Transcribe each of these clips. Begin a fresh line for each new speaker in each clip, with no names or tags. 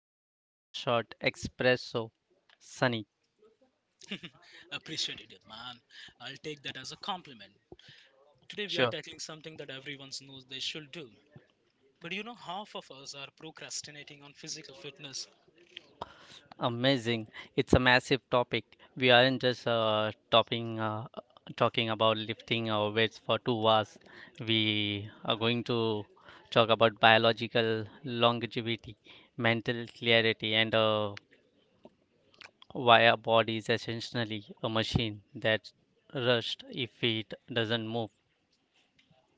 of a double shot espresso, Sunny.
Appreciate it, man. I'll take that as a compliment. Today we are
Sure.
tackling something that everyone knows they should do. But you know, half of us are procrastinating on physical fitness.
Amazing. It's a massive topic. We aren't just talking about lifting our weights for 2 hours. We are going to talk about biological longevity, mental clarity, and why our body is essentially a machine that rushed if it doesn't move.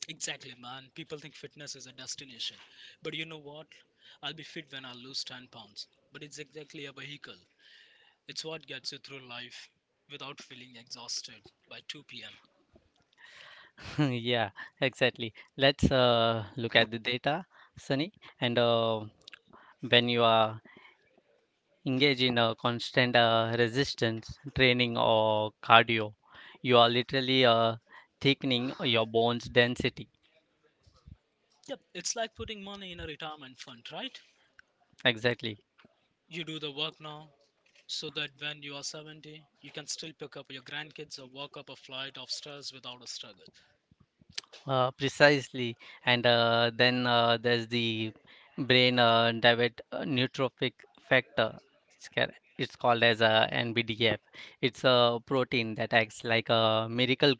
Exactly, man. People think fitness is a destination. But you know what? I'll be fit when I lose 10 pounds. But it's exactly a vehicle. It's what gets you through life without feeling exhausted by 2 pm.
Yeah, exactly. Let's look at the data, Sunny. And when you are engaged in a constant resistance training or cardio, you are literally thickening your bones density.
Yep, it's like putting money in a retirement fund, right?
Exactly.
You do the work now, so that when you are 70, you can still pick up your grandkids or walk up a flight of stairs without a struggle.
Precisely. And then there's the brain diabetic neurotrophic factor. It's called as a NBDF. It's a protein that acts like a miracle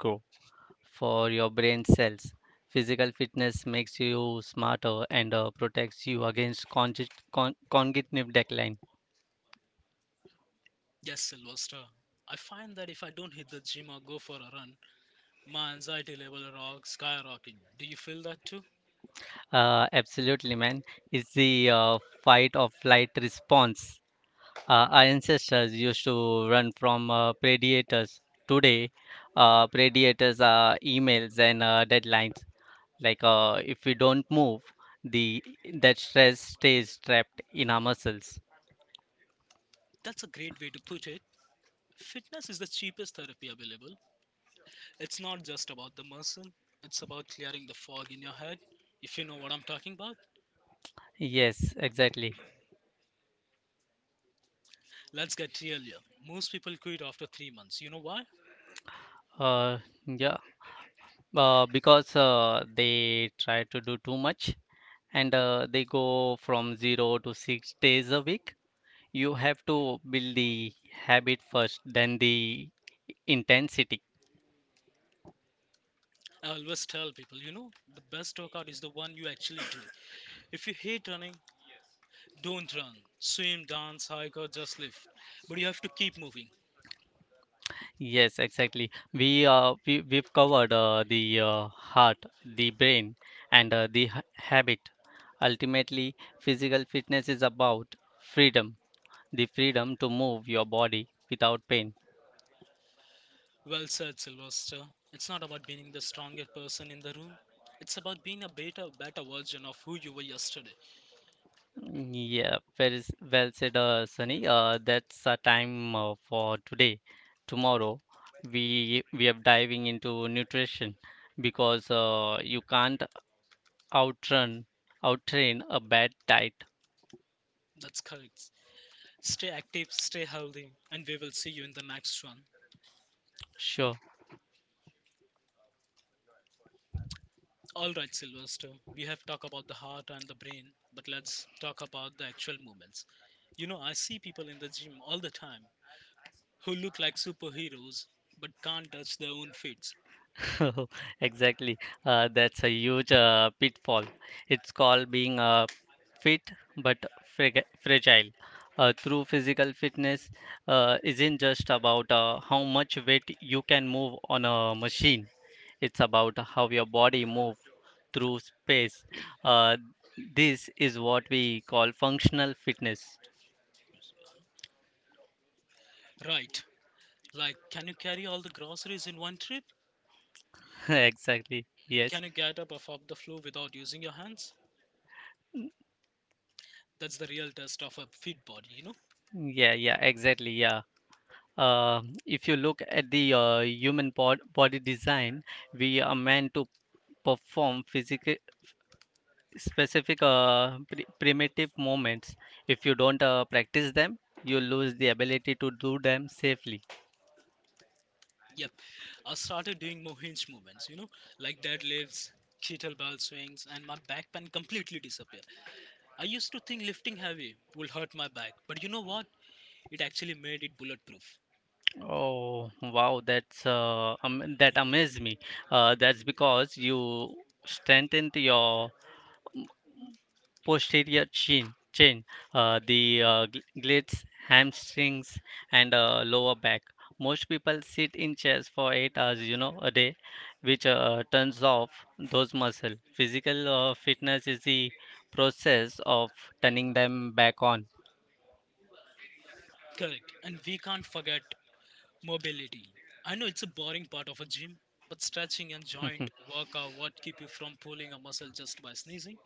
for your brain cells. Physical fitness makes you smarter and protects you against cognitive decline.
Yes, Silver Star. I find that if I don't hit the gym or go for a run, my anxiety level rock skyrocketing. Do you feel that too?
Absolutely, man. It's the fight or flight response. Our ancestors used to run from predators. Today, predators are emails and deadlines. If we don't move, the that stress stays trapped in our muscles.
That's a great way to put it. Fitness is the cheapest therapy available. It's not just about the muscle, it's about clearing the fog in your head. If you know what I'm talking about,
Yes, exactly.
let's get real here. Most people quit after 3 months. You know why?
Uh, yeah. Because they try to do too much and they go from 0 to 6 days a week. You have to build the habit first, then the intensity.
I always tell people, the best workout is the one you actually do. If you hate running, don't run. Swim, dance, hike, or just live. But you have to keep moving.
Yes, exactly. We've covered the heart, the brain, and the habit. Ultimately, physical fitness is about freedom, the freedom to move your body without pain.
Well said, Sylvester. It's not about being the strongest person in the room. It's about being a better version of who you were yesterday.
Mm, Yeah, well said, Sunny. That's our time for today. Tomorrow, we are diving into nutrition because you can't outrun, outtrain a bad diet.
That's correct. Stay active, stay healthy, and we will see you in the next one.
Sure.
All right, Sylvester. We have talked about the heart and the brain, but let's talk about the actual movements. You know, I see people in the gym all the time who look like superheroes but can't touch their own feet.
Exactly. That's a huge pitfall. It's called being fit but fragile. True physical fitness isn't just about how much weight you can move on a machine. It's about how your body moves through space. Uh, this is what we call functional fitness.
Right. Like, can you carry all the groceries in one trip?
Exactly. Yes.
Can you get up off of the floor without using your hands? That's the real test of a fit body, you know?
Yeah, yeah, exactly. Yeah. If you look at the human body design, we are meant to perform physical specific primitive movements. If you don't practice them, you lose the ability to do them safely.
Yep. I started doing more hinge movements, like deadlifts, kettlebell swings, and my back pain completely disappeared. I used to think lifting heavy will hurt my back, but you know what? It actually made it bulletproof.
Oh wow, that amazed me. That's because you strengthened your posterior chain, the glutes, hamstrings, and lower back. Most people sit in chairs for 8 hours, you know, a day, which turns off those muscles. Physical fitness is the process of turning them back on.
Correct. And we can't forget mobility. I know it's a boring part of a gym, but stretching and joint work are what keep you from pulling a muscle just by sneezing.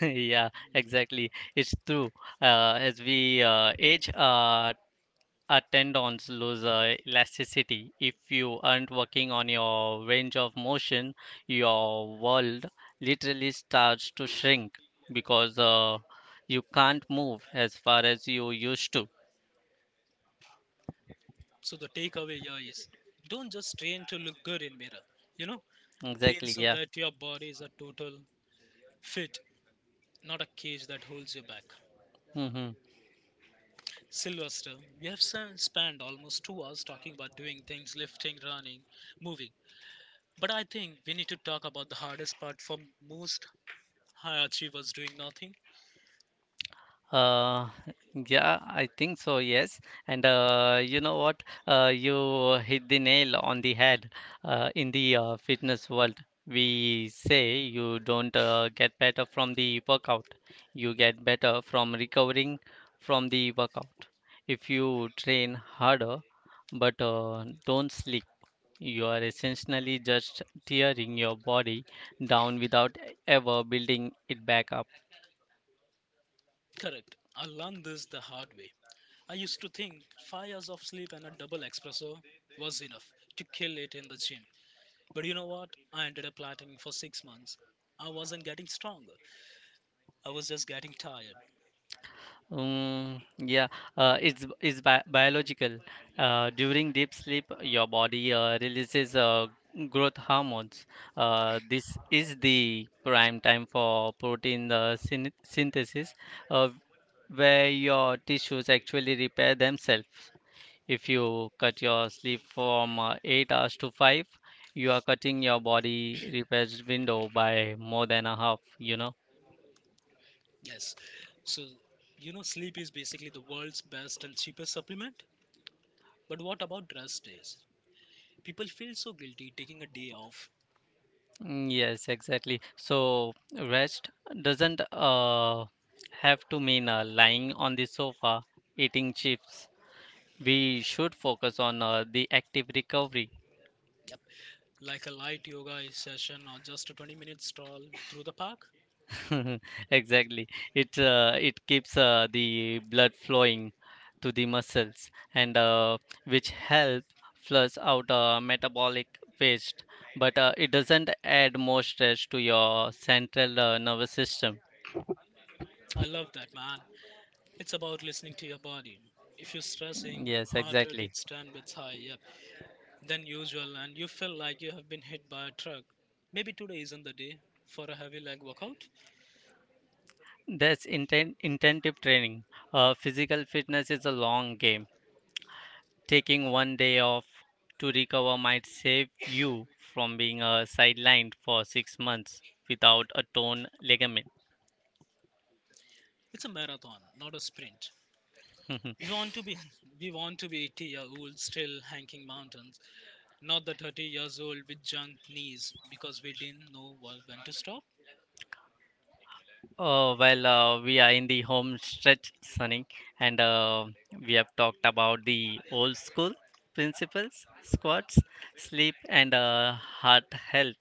Yeah, exactly. It's true. As we age, tendons lose elasticity. If you aren't working on your range of motion, your world literally starts to shrink because you can't move as far as you used to.
So the takeaway here is don't just train to look good in mirror. You know, train
Exactly,
so
yeah.
that your body is a total fit, not a cage that holds you back.
hmm
Sylvester, we have spent almost 2 hours talking about doing things, lifting, running, moving. But I think we need to talk about the hardest part for most high achievers doing nothing.
Uh, yeah, I think so, yes. And you know what? You hit the nail on the head. In the fitness world, we say you don't get better from the workout. You get better from recovering from the workout. If you train harder but don't sleep, you are essentially just tearing your body down without ever building it back up.
Correct. I learned this the hard way. I used to think 5 hours of sleep and a double espresso was enough to kill it in the gym. But you know what? I ended up plateauing for 6 months. I wasn't getting stronger. I was just getting tired.
Yeah, it's bi biological. During deep sleep, your body releases growth hormones. This is the prime time for protein synthesis, uh, where your tissues actually repair themselves. If you cut your sleep from 8 hours to 5, you are cutting your body repairs window by more than a half, you know.
Yes. So, sleep is basically the world's best and cheapest supplement. But what about rest days? People feel so guilty taking a day off.
Yes, exactly. So rest doesn't have to mean lying on the sofa eating chips. We should focus on the active recovery.
Yep. Like a light yoga session or just a 20-minute stroll through the park.
Exactly. It it keeps the blood flowing to the muscles and which help flush out metabolic waste. But it doesn't add more stress to your central nervous system.
I love that, man. It's about listening to your body. If you're stressing,
Yes,
heart rate
exactly.
is 10 beats higher, yep, than usual, and you feel like you have been hit by a truck, maybe today isn't the day for a heavy leg workout.
That's intensive training. Physical fitness is a long game. Taking one day off to recover might save you from being sidelined for 6 months without a torn ligament.
It's a marathon, not a sprint. We want to be we want to be 80-year-old still hanking mountains, not the 30 years old with junk knees because we didn't know what, when to stop.
Oh, well, we are in the home stretch, Sunny, and we have talked about the old school principles, squats, sleep, and heart health.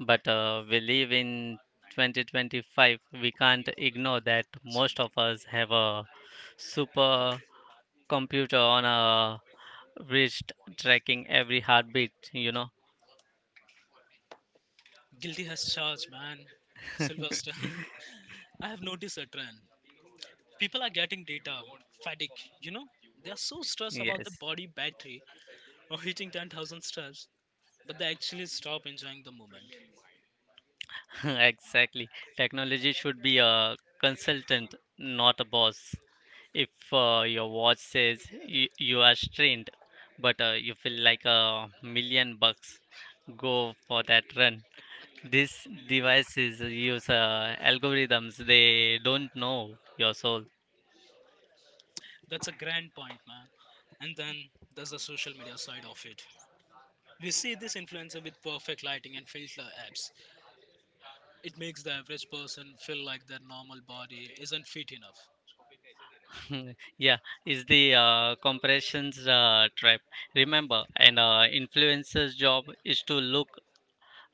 But we live in 2025. We can't ignore that most of us have a super computer on a wrist tracking every heartbeat, you know?
Guilty as charged, man. Sylvester, I have noticed a trend. People are getting data fatigue. They are so stressed about the
Yes,
body battery or hitting 10,000 steps, but they actually stop enjoying the moment.
exactly. Technology should be a consultant, not a boss. If your watch says you are strained, but you feel like a million bucks, go for that run. These devices use algorithms. They don't know your soul.
That's a grand point, man. And then there's the social media side of it. We see this influencer with perfect lighting and filter apps. It makes the average person feel like their normal body isn't fit enough.
Yeah, is the compressions trap. Remember, and influencer's job is to look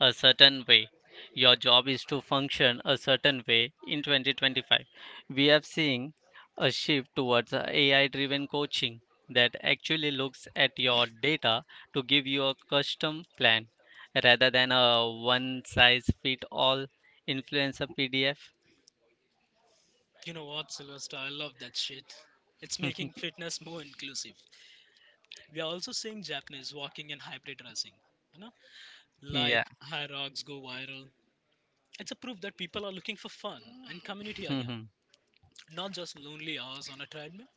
a certain way. Your job is to function a certain way in 2025. We have seen a shift towards AI driven coaching that actually looks at your data to give you a custom plan rather than a one size fit all influencer PDF.
You know what, Sylvester? I love that shit. It's making fitness more inclusive. We are also seeing Japanese walking and hybrid dressing. You know?
Yeah.
Like, high go viral. It's a proof that people are looking for fun and community again, not just lonely hours on a treadmill.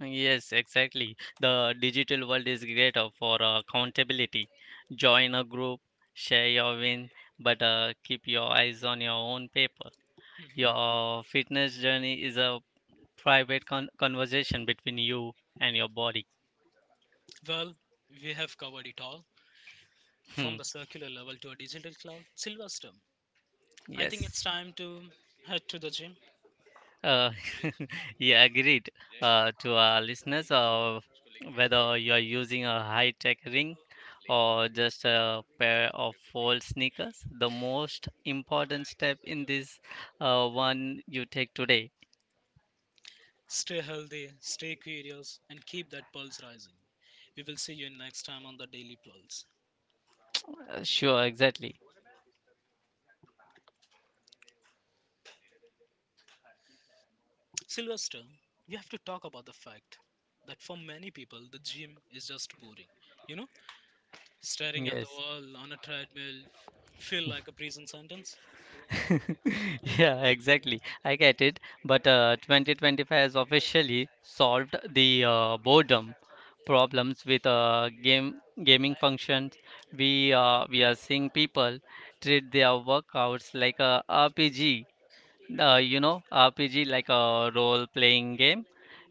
Yes, exactly. The digital world is great for accountability. Join a group, share your win, but keep your eyes on your own paper.
Mhm.
Your fitness journey is a private conversation between you and your body.
Well, we have covered it all from the circular level to a digital cloud. Sylvester, I think it's
Yes.
time to head to the gym.
Uh, yeah, agreed. To our listeners, whether you are using a high-tech ring or just a pair of old sneakers, the most important step in this one you take today.
Stay healthy, stay curious, and keep that pulse rising. We will see you next time on the Daily Pulse.
Sure, exactly.
Sylvester, we have to talk about the fact that for many people, the gym is just boring. You know, Staring at the
Yes.
wall on a treadmill feel like a prison sentence.
Yeah, exactly. I get it. But 2025 has officially solved the boredom problems with game gaming functions. We are seeing people treat their workouts like a RPG. You know, RPG like a role-playing game.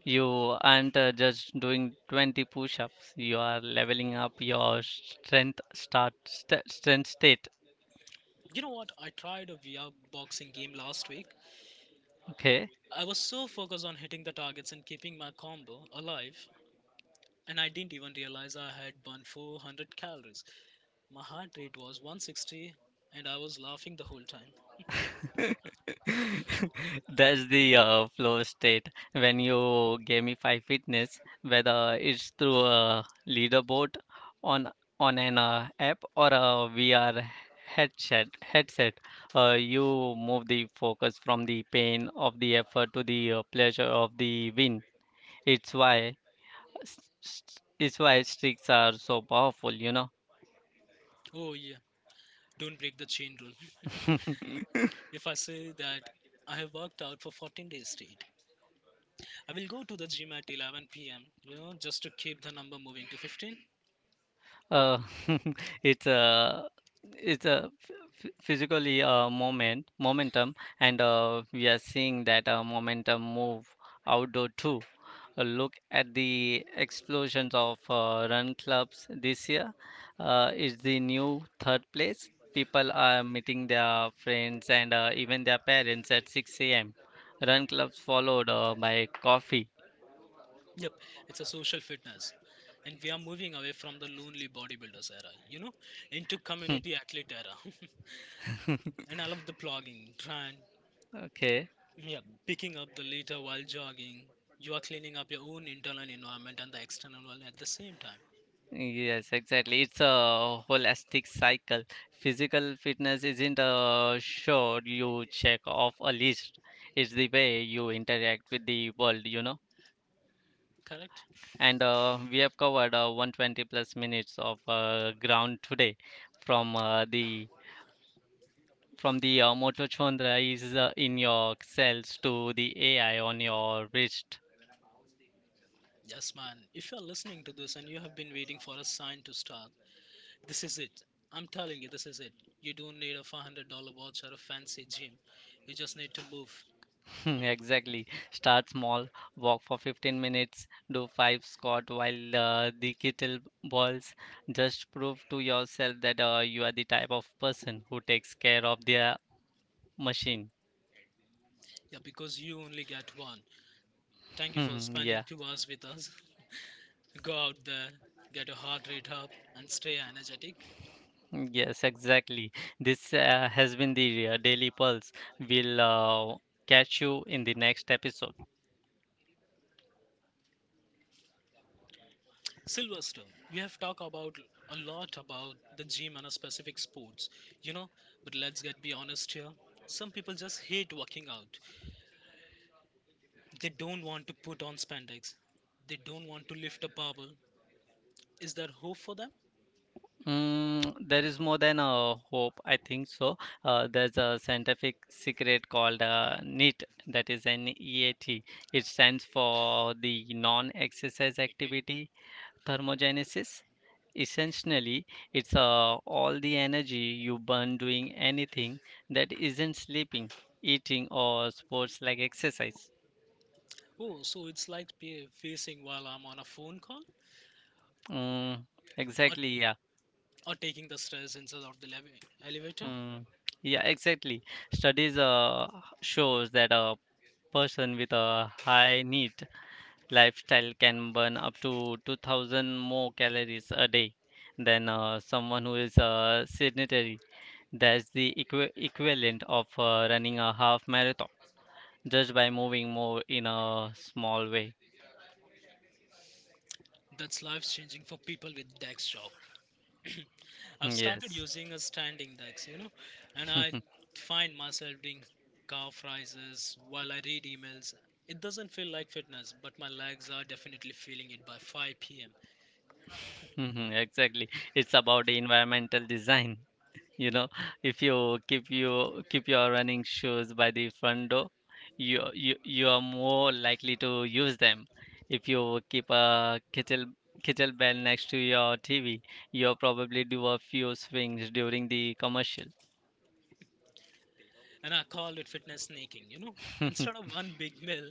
You aren't just doing 20 push-ups. You are leveling up your strength start st strength state.
You know what? I tried a VR boxing game last week.
Okay.
I was so focused on hitting the targets and keeping my combo alive, and I didn't even realize I had burned 400 calories. My heart rate was 160, and I was laughing the whole time.
That's the flow state when you gamify fitness, whether it's through a leaderboard on on an app or a VR Headset, you move the focus from the pain of the effort to the pleasure of the win. It's why s- s- it's why streaks are so powerful, you know.
Oh, yeah, don't break the chain rule. If I say that I have worked out for 14 days straight, I will go to the gym at 11 p.m., just to keep the number moving to 15.
Uh, it's a it's a ph- ph- physically moment momentum, and we are seeing that momentum move outdoor too. A look at the explosions of run clubs this year. It's the new third place. People are meeting their friends and even their parents at 6 a.m. Run clubs followed by coffee.
Yep, it's a social fitness. And we are moving away from the lonely bodybuilders era, into community athlete era. And I love the blogging, trying,
Okay.
yeah, picking up the litter while jogging. You are cleaning up your own internal environment and the external one at the same time.
Yes, exactly. It's a holistic cycle. Physical fitness isn't a sure you check off a list. It's the way you interact with the world, you know.
Correct?
And we have covered 120 plus minutes of ground today from the from the mitochondria is in your cells to the AI on your wrist.
Yes, man. If you are listening to this and you have been waiting for a sign to start, this is it. I'm telling you, this is it. You don't need a $500 watch or a fancy gym. You just need to move.
Exactly. Start small, walk for 15 minutes, do five squat while the kettle balls. Just prove to yourself that you are the type of person who takes care of their machine.
Yeah, because you only get one. Thank you for spending
Yeah.
2 hours with us. Go out there, get your heart rate up, and stay energetic.
Yes, exactly. This has been the Daily Pulse. We'll catch you in the next episode.
Silverstone, we have talked about a lot about the gym and a specific sports, you know, but let's get be honest here. Some people just hate working out. They don't want to put on spandex. They don't want to lift a barbell. Is there hope for them?
There is more than a hope, I think so. There's a scientific secret called NEAT, that is N-E-A-T. It stands for the non-exercise activity thermogenesis. Essentially, it's all the energy you burn doing anything that isn't sleeping, eating, or sports like exercise.
Oh, so it's like facing while I'm on a phone call,
Mm,
or
exactly, yeah.
or taking the stairs instead of the elevator.
Mm, yeah, exactly. Studies shows that person with a high need lifestyle can burn up to 2000 more calories a day than someone who is sedentary. That's the equivalent of running a half marathon just by moving more in a small way.
That's life changing for people with desk job. I've started
Yes,
using a standing desk, and I find myself doing calf rises while I read emails. It doesn't feel like fitness, but my legs are definitely feeling it by 5 p.m.
exactly. It's about environmental design. You know, if you keep your running shoes by the front door, you are more likely to use them. If you keep a kettlebell next to your TV, you'll probably do a few swings during the commercial.
And I call it fitness sneaking. Instead of one big meal,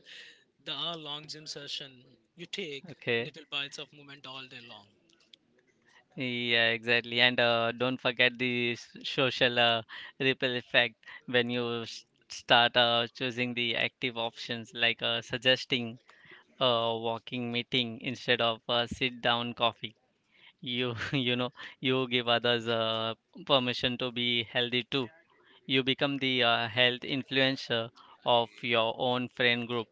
the hour-long gym session, you take
Okay.
little bites of movement all day long.
Yeah, exactly. And don't forget the social ripple effect when you start choosing the active options, like suggesting a walking meeting instead of a sit down coffee you you know you give others permission to be healthy too. You become the health influencer of your own friend group.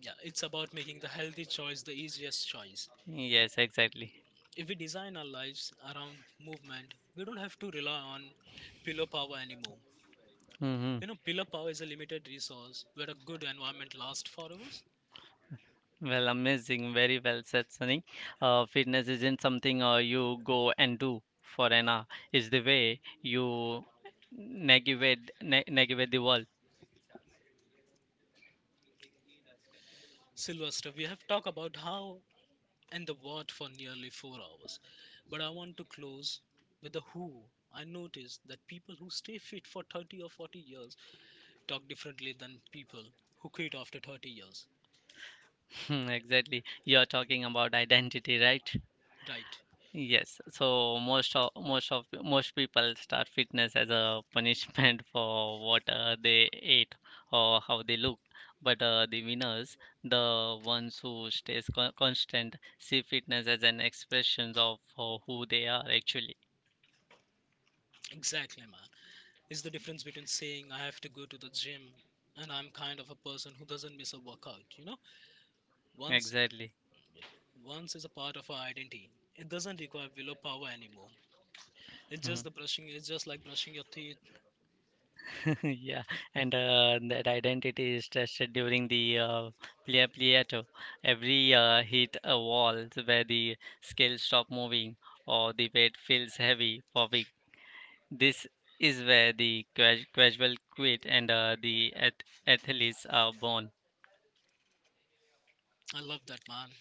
Yeah, it's about making the healthy choice the easiest choice.
Yes, exactly.
If we design our lives around movement, we don't have to rely on pillow power anymore.
hmm
Pillar power is a limited resource where a good environment lasts for hours.
well, amazing. Very well said, Sunny. Fitness isn't something you go and do for an hour. It's the way you negate the world.
Sylvester, we have talked about how and the what for nearly 4 hours, but I want to close with the who. I noticed that people who stay fit for 30 or 40 years talk differently than people who quit after 30 years.
Exactly. You're talking about identity, right?
Right.
Yes, so most people start fitness as a punishment for what they ate or how they look. But the winners, the ones who stays constant, see fitness as an expression of who they are actually.
Exactly, man. It's the difference between saying I have to go to the gym and I'm kind of a person who doesn't miss a workout, you know? Once
Exactly.
Once is a part of our identity. It doesn't require willpower anymore. It's just
Mhm.
the brushing. It's just like brushing your teeth.
Yeah, and that identity is tested during the pliato. Every Hit a wall where the scale stop moving or the weight feels heavy for weeks. This is where the casual quit and the athletes are born.
I love that man.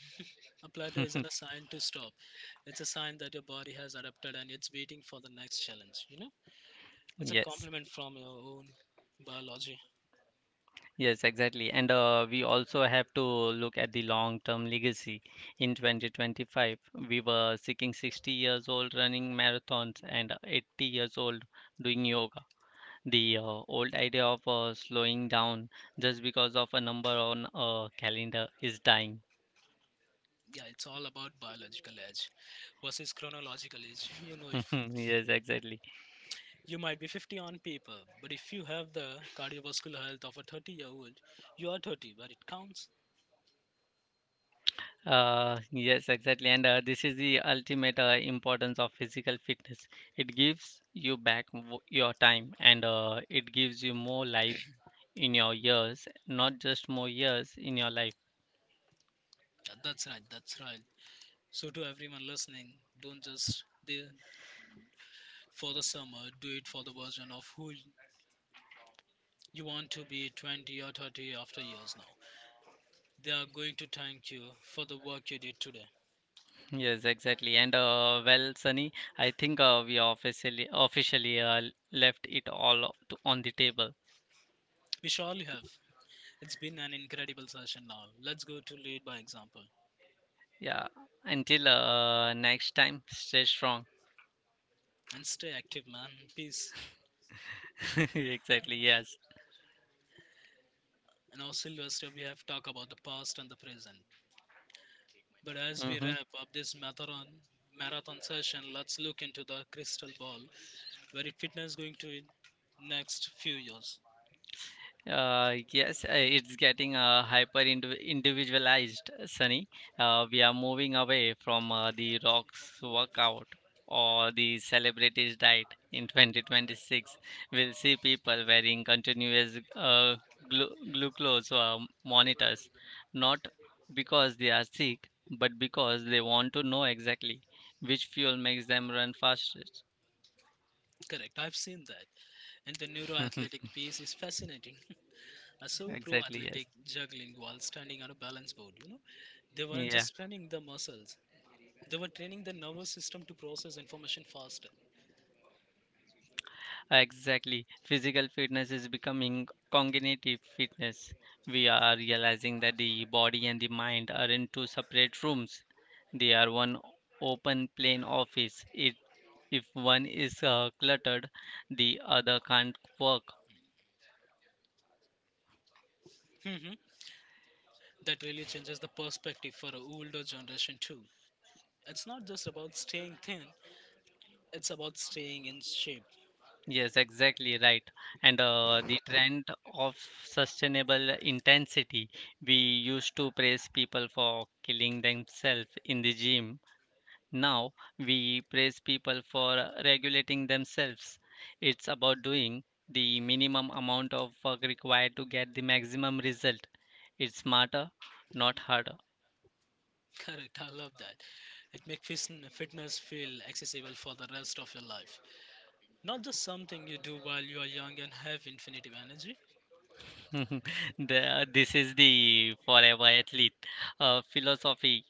A plateau isn't a sign to stop. It's a sign that your body has adapted and it's waiting for the next challenge. It's a
Yes,
compliment from your own biology.
yes, exactly. And We also have to look at the long-term legacy. In 2025, we were seeking 60 years old running marathons and 80 years old doing yoga. The old idea of slowing down just because of a number on a calendar is dying.
Yeah, it's all about biological age versus chronological age. If
Yes, exactly.
you might be 50 on paper, but if you have the cardiovascular health of a 30-year-old, you are 30 where it counts.
Yes, exactly. And This is the ultimate importance of physical fitness. It gives you back your time, and it gives you more life in your years, not just more years in your life.
Yeah, that's right. That's right. So, to everyone listening, don't just do for the summer, do it for the version of who you want to be 20 or 30 after years now. They are going to thank you for the work you did today.
Yes, exactly. And Well, Sunny, I think we officially left it all on the table.
We surely have. It's been an incredible session now. Let's go to lead by example
Yeah. Until next time, stay strong.
and stay active, man. Peace.
Exactly. Yes.
In our Sylvester, we have talked about the past and the present. But as we
Hmm.
wrap up this marathon session, let's look into the crystal ball where fitness is going to in next few years.
Yes, it's getting hyper individualized, Sunny. We are moving away from the rocks workout or the celebrities diet in 2026. We'll see people wearing continuous glucose monitors, not because they are sick, but because they want to know exactly which fuel makes them run fastest.
Correct, I've seen that. And the neuroathletic piece is fascinating. I saw pro
Exactly, yes.
athletic juggling while standing on a balance board. They weren't
Yeah.
just training the muscles, they were training the nervous system to process information faster.
Exactly. Physical fitness is becoming cognitive fitness. We are realizing that the body and the mind are in two separate rooms. They are one open plan office. If one is cluttered, the other can't work.
Hmm. That really changes the perspective for a older generation too. It's not just about staying thin, it's about staying in shape.
Yes, exactly right. And The trend of sustainable intensity. We used to praise people for killing themselves in the gym. Now we praise people for regulating themselves. It's about doing the minimum amount of work required to get the maximum result. It's smarter, not harder.
Correct, I love that. It makes fitness feel accessible for the rest of your life. Not just something you do while you are young and have infinity energy.
The- this is the forever athlete philosophy.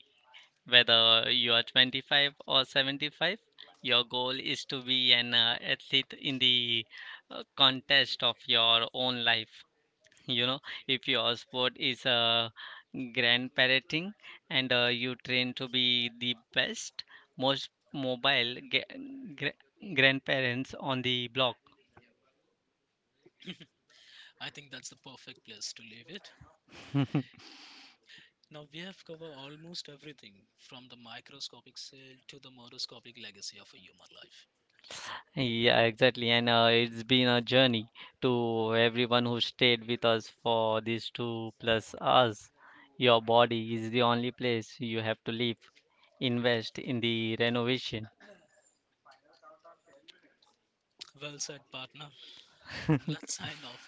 Whether you are 25 or 75, your goal is to be an athlete in the contest of your own life. You know, if your sport is grandparenting and you train to be the best, most mobile grandparents on the block.
I think that's the perfect place to leave it. Now we have covered almost everything from the microscopic cell to the microscopic legacy of a human life.
Yeah, exactly. And It's been a journey to everyone who stayed with us for these two plus hours. Your body is the only place you have to live. Invest in the renovation.
Well said, partner. Let's sign off.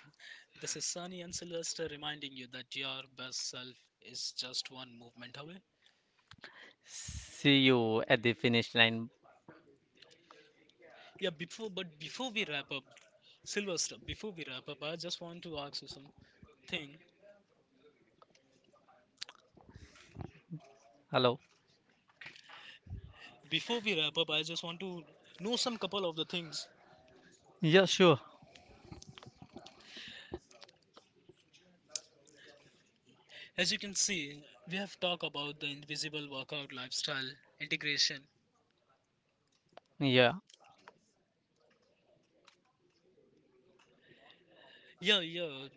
This is Sunny and Sylvester reminding you that your best self is just one movement away.
See you at the finish line.
Yeah, before we wrap up, Sylvester, before we wrap up, I just want to ask you some thing.
Hello.
Before we wrap up, I just want to know some couple of the things.
Yeah, sure.
As you can see, we have talked about the invisible workout lifestyle integration.
Yeah.
Yeah, yeah.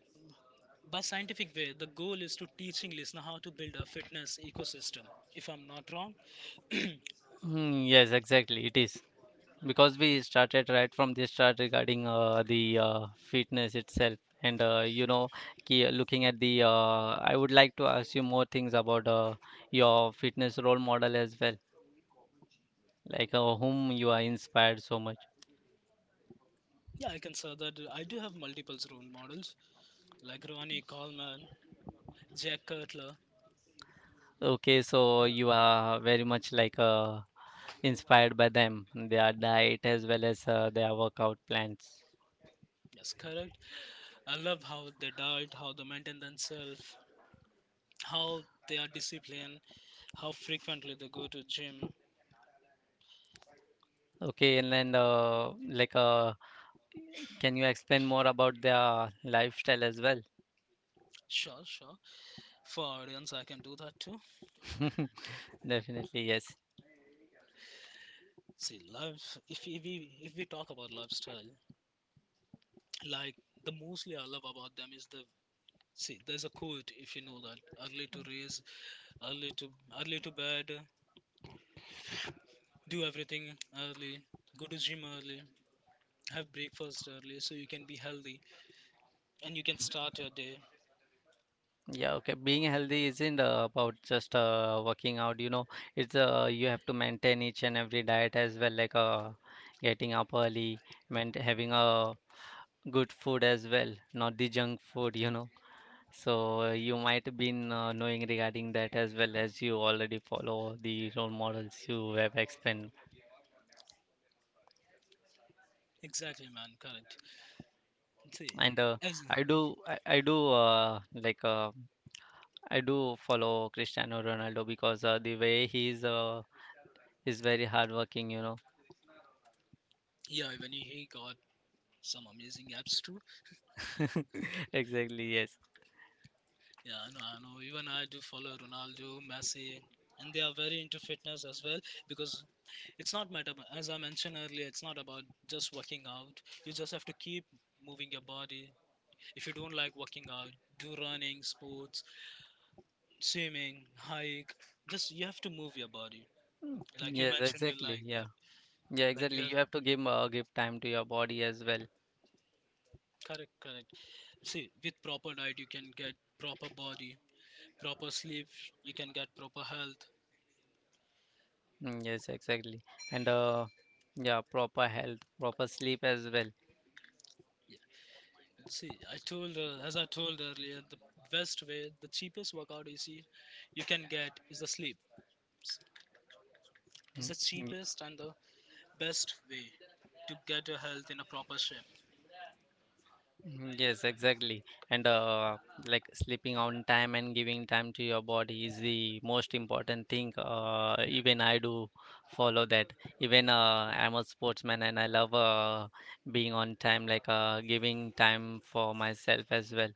By scientific way, the goal is to teaching listener how to build a fitness ecosystem. If I'm not wrong,
Mm, yes, exactly. It is because we started right from the start regarding the fitness itself, and you know, looking at the, I would like to ask you more things about your fitness role model as well, like whom you are inspired so much.
yeah, I can say that I do have multiple role models like Ronnie Coleman, Jack Cutler.
Okay, so
Yeah,
you are very much inspired by them, their diet as well as their workout plans.
yes, correct. I love how they diet, how they maintain themselves, how they are disciplined, how frequently they go to gym.
Okay, and then like can you explain more about their lifestyle as well?
Sure, sure. For audience, I can do that too.
Definitely, yes.
See, love. If we talk about lifestyle, like the mostly I love about them is the see. There's a quote if you know that early to raise, early to early to bed, do everything early, go to gym early, have breakfast early, so you can be healthy and you can start your day.
Yeah, okay. Being healthy isn't about just working out, you know. It's you have to maintain each and every diet as well, like getting up early, maint having a good food as well, not the junk food, you know. So you might been knowing regarding that as well as you already follow the role models you have explained.
Exactly, man. Correct. See,
And uh,
as
I do, I, I do like I do follow Cristiano Ronaldo because the way he's very hardworking, you know.
yeah, even he got some amazing apps too.
Exactly, yes.
Yeah, I know, I know. Even I do follow Ronaldo, Messi, and they are very into fitness as well because it's not matter as I mentioned earlier, it's not about just working out. You just have to keep moving your body. If you don't like working out, do running, sports, swimming, hike. Just you have to move your body.
Mm,
Like you
yes,
mentioned, you
exactly.
like
Yeah.
yep,
Yeah,
like you
exactly.
have
You have to give time to your body as well.
correct, correct. See, with proper diet, you can get proper body, proper sleep, you can get proper health.
Mm, yes, exactly. And yeah, proper health, proper sleep as well.
See, I told as I told earlier, the best way, the cheapest workout you see, you can get is the sleep. S- It's
Mm,
the
y-
cheapest and the best way to get your health in a proper shape.
Mhm. Yes, exactly. And Like sleeping on time and giving time to your body is the most important thing. Even I do follow that. Even I'm a sportsman and I love being on time, like giving time for myself as well,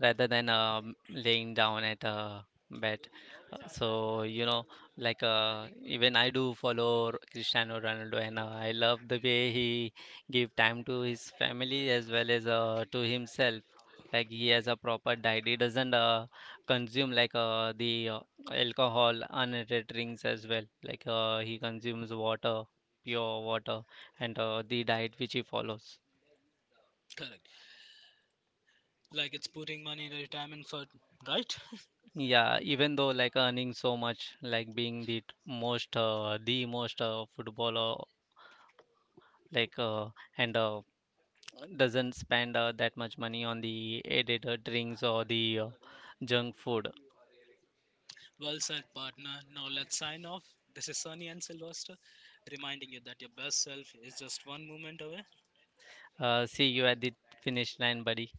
rather than laying down at a bed. So, you know, even I do follow Cristiano Ronaldo and I love the way he give time to his family as well as to himself. Like, he has a proper diet. He doesn't consume like the alcohol, unrated drinks as well. He consumes water, pure water, and the diet which he follows.
Correct. Like it's putting money in a retirement fund, right?
Yeah, even though like earning so much, like being the most footballer, like and doesn't spend that much money on the added drinks or the junk food.
Well said, partner. Now let's sign off. This is Sunny and Sylvester, reminding you that your best self is just one movement away.
See you at the finish line, buddy.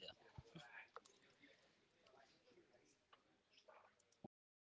Yeah.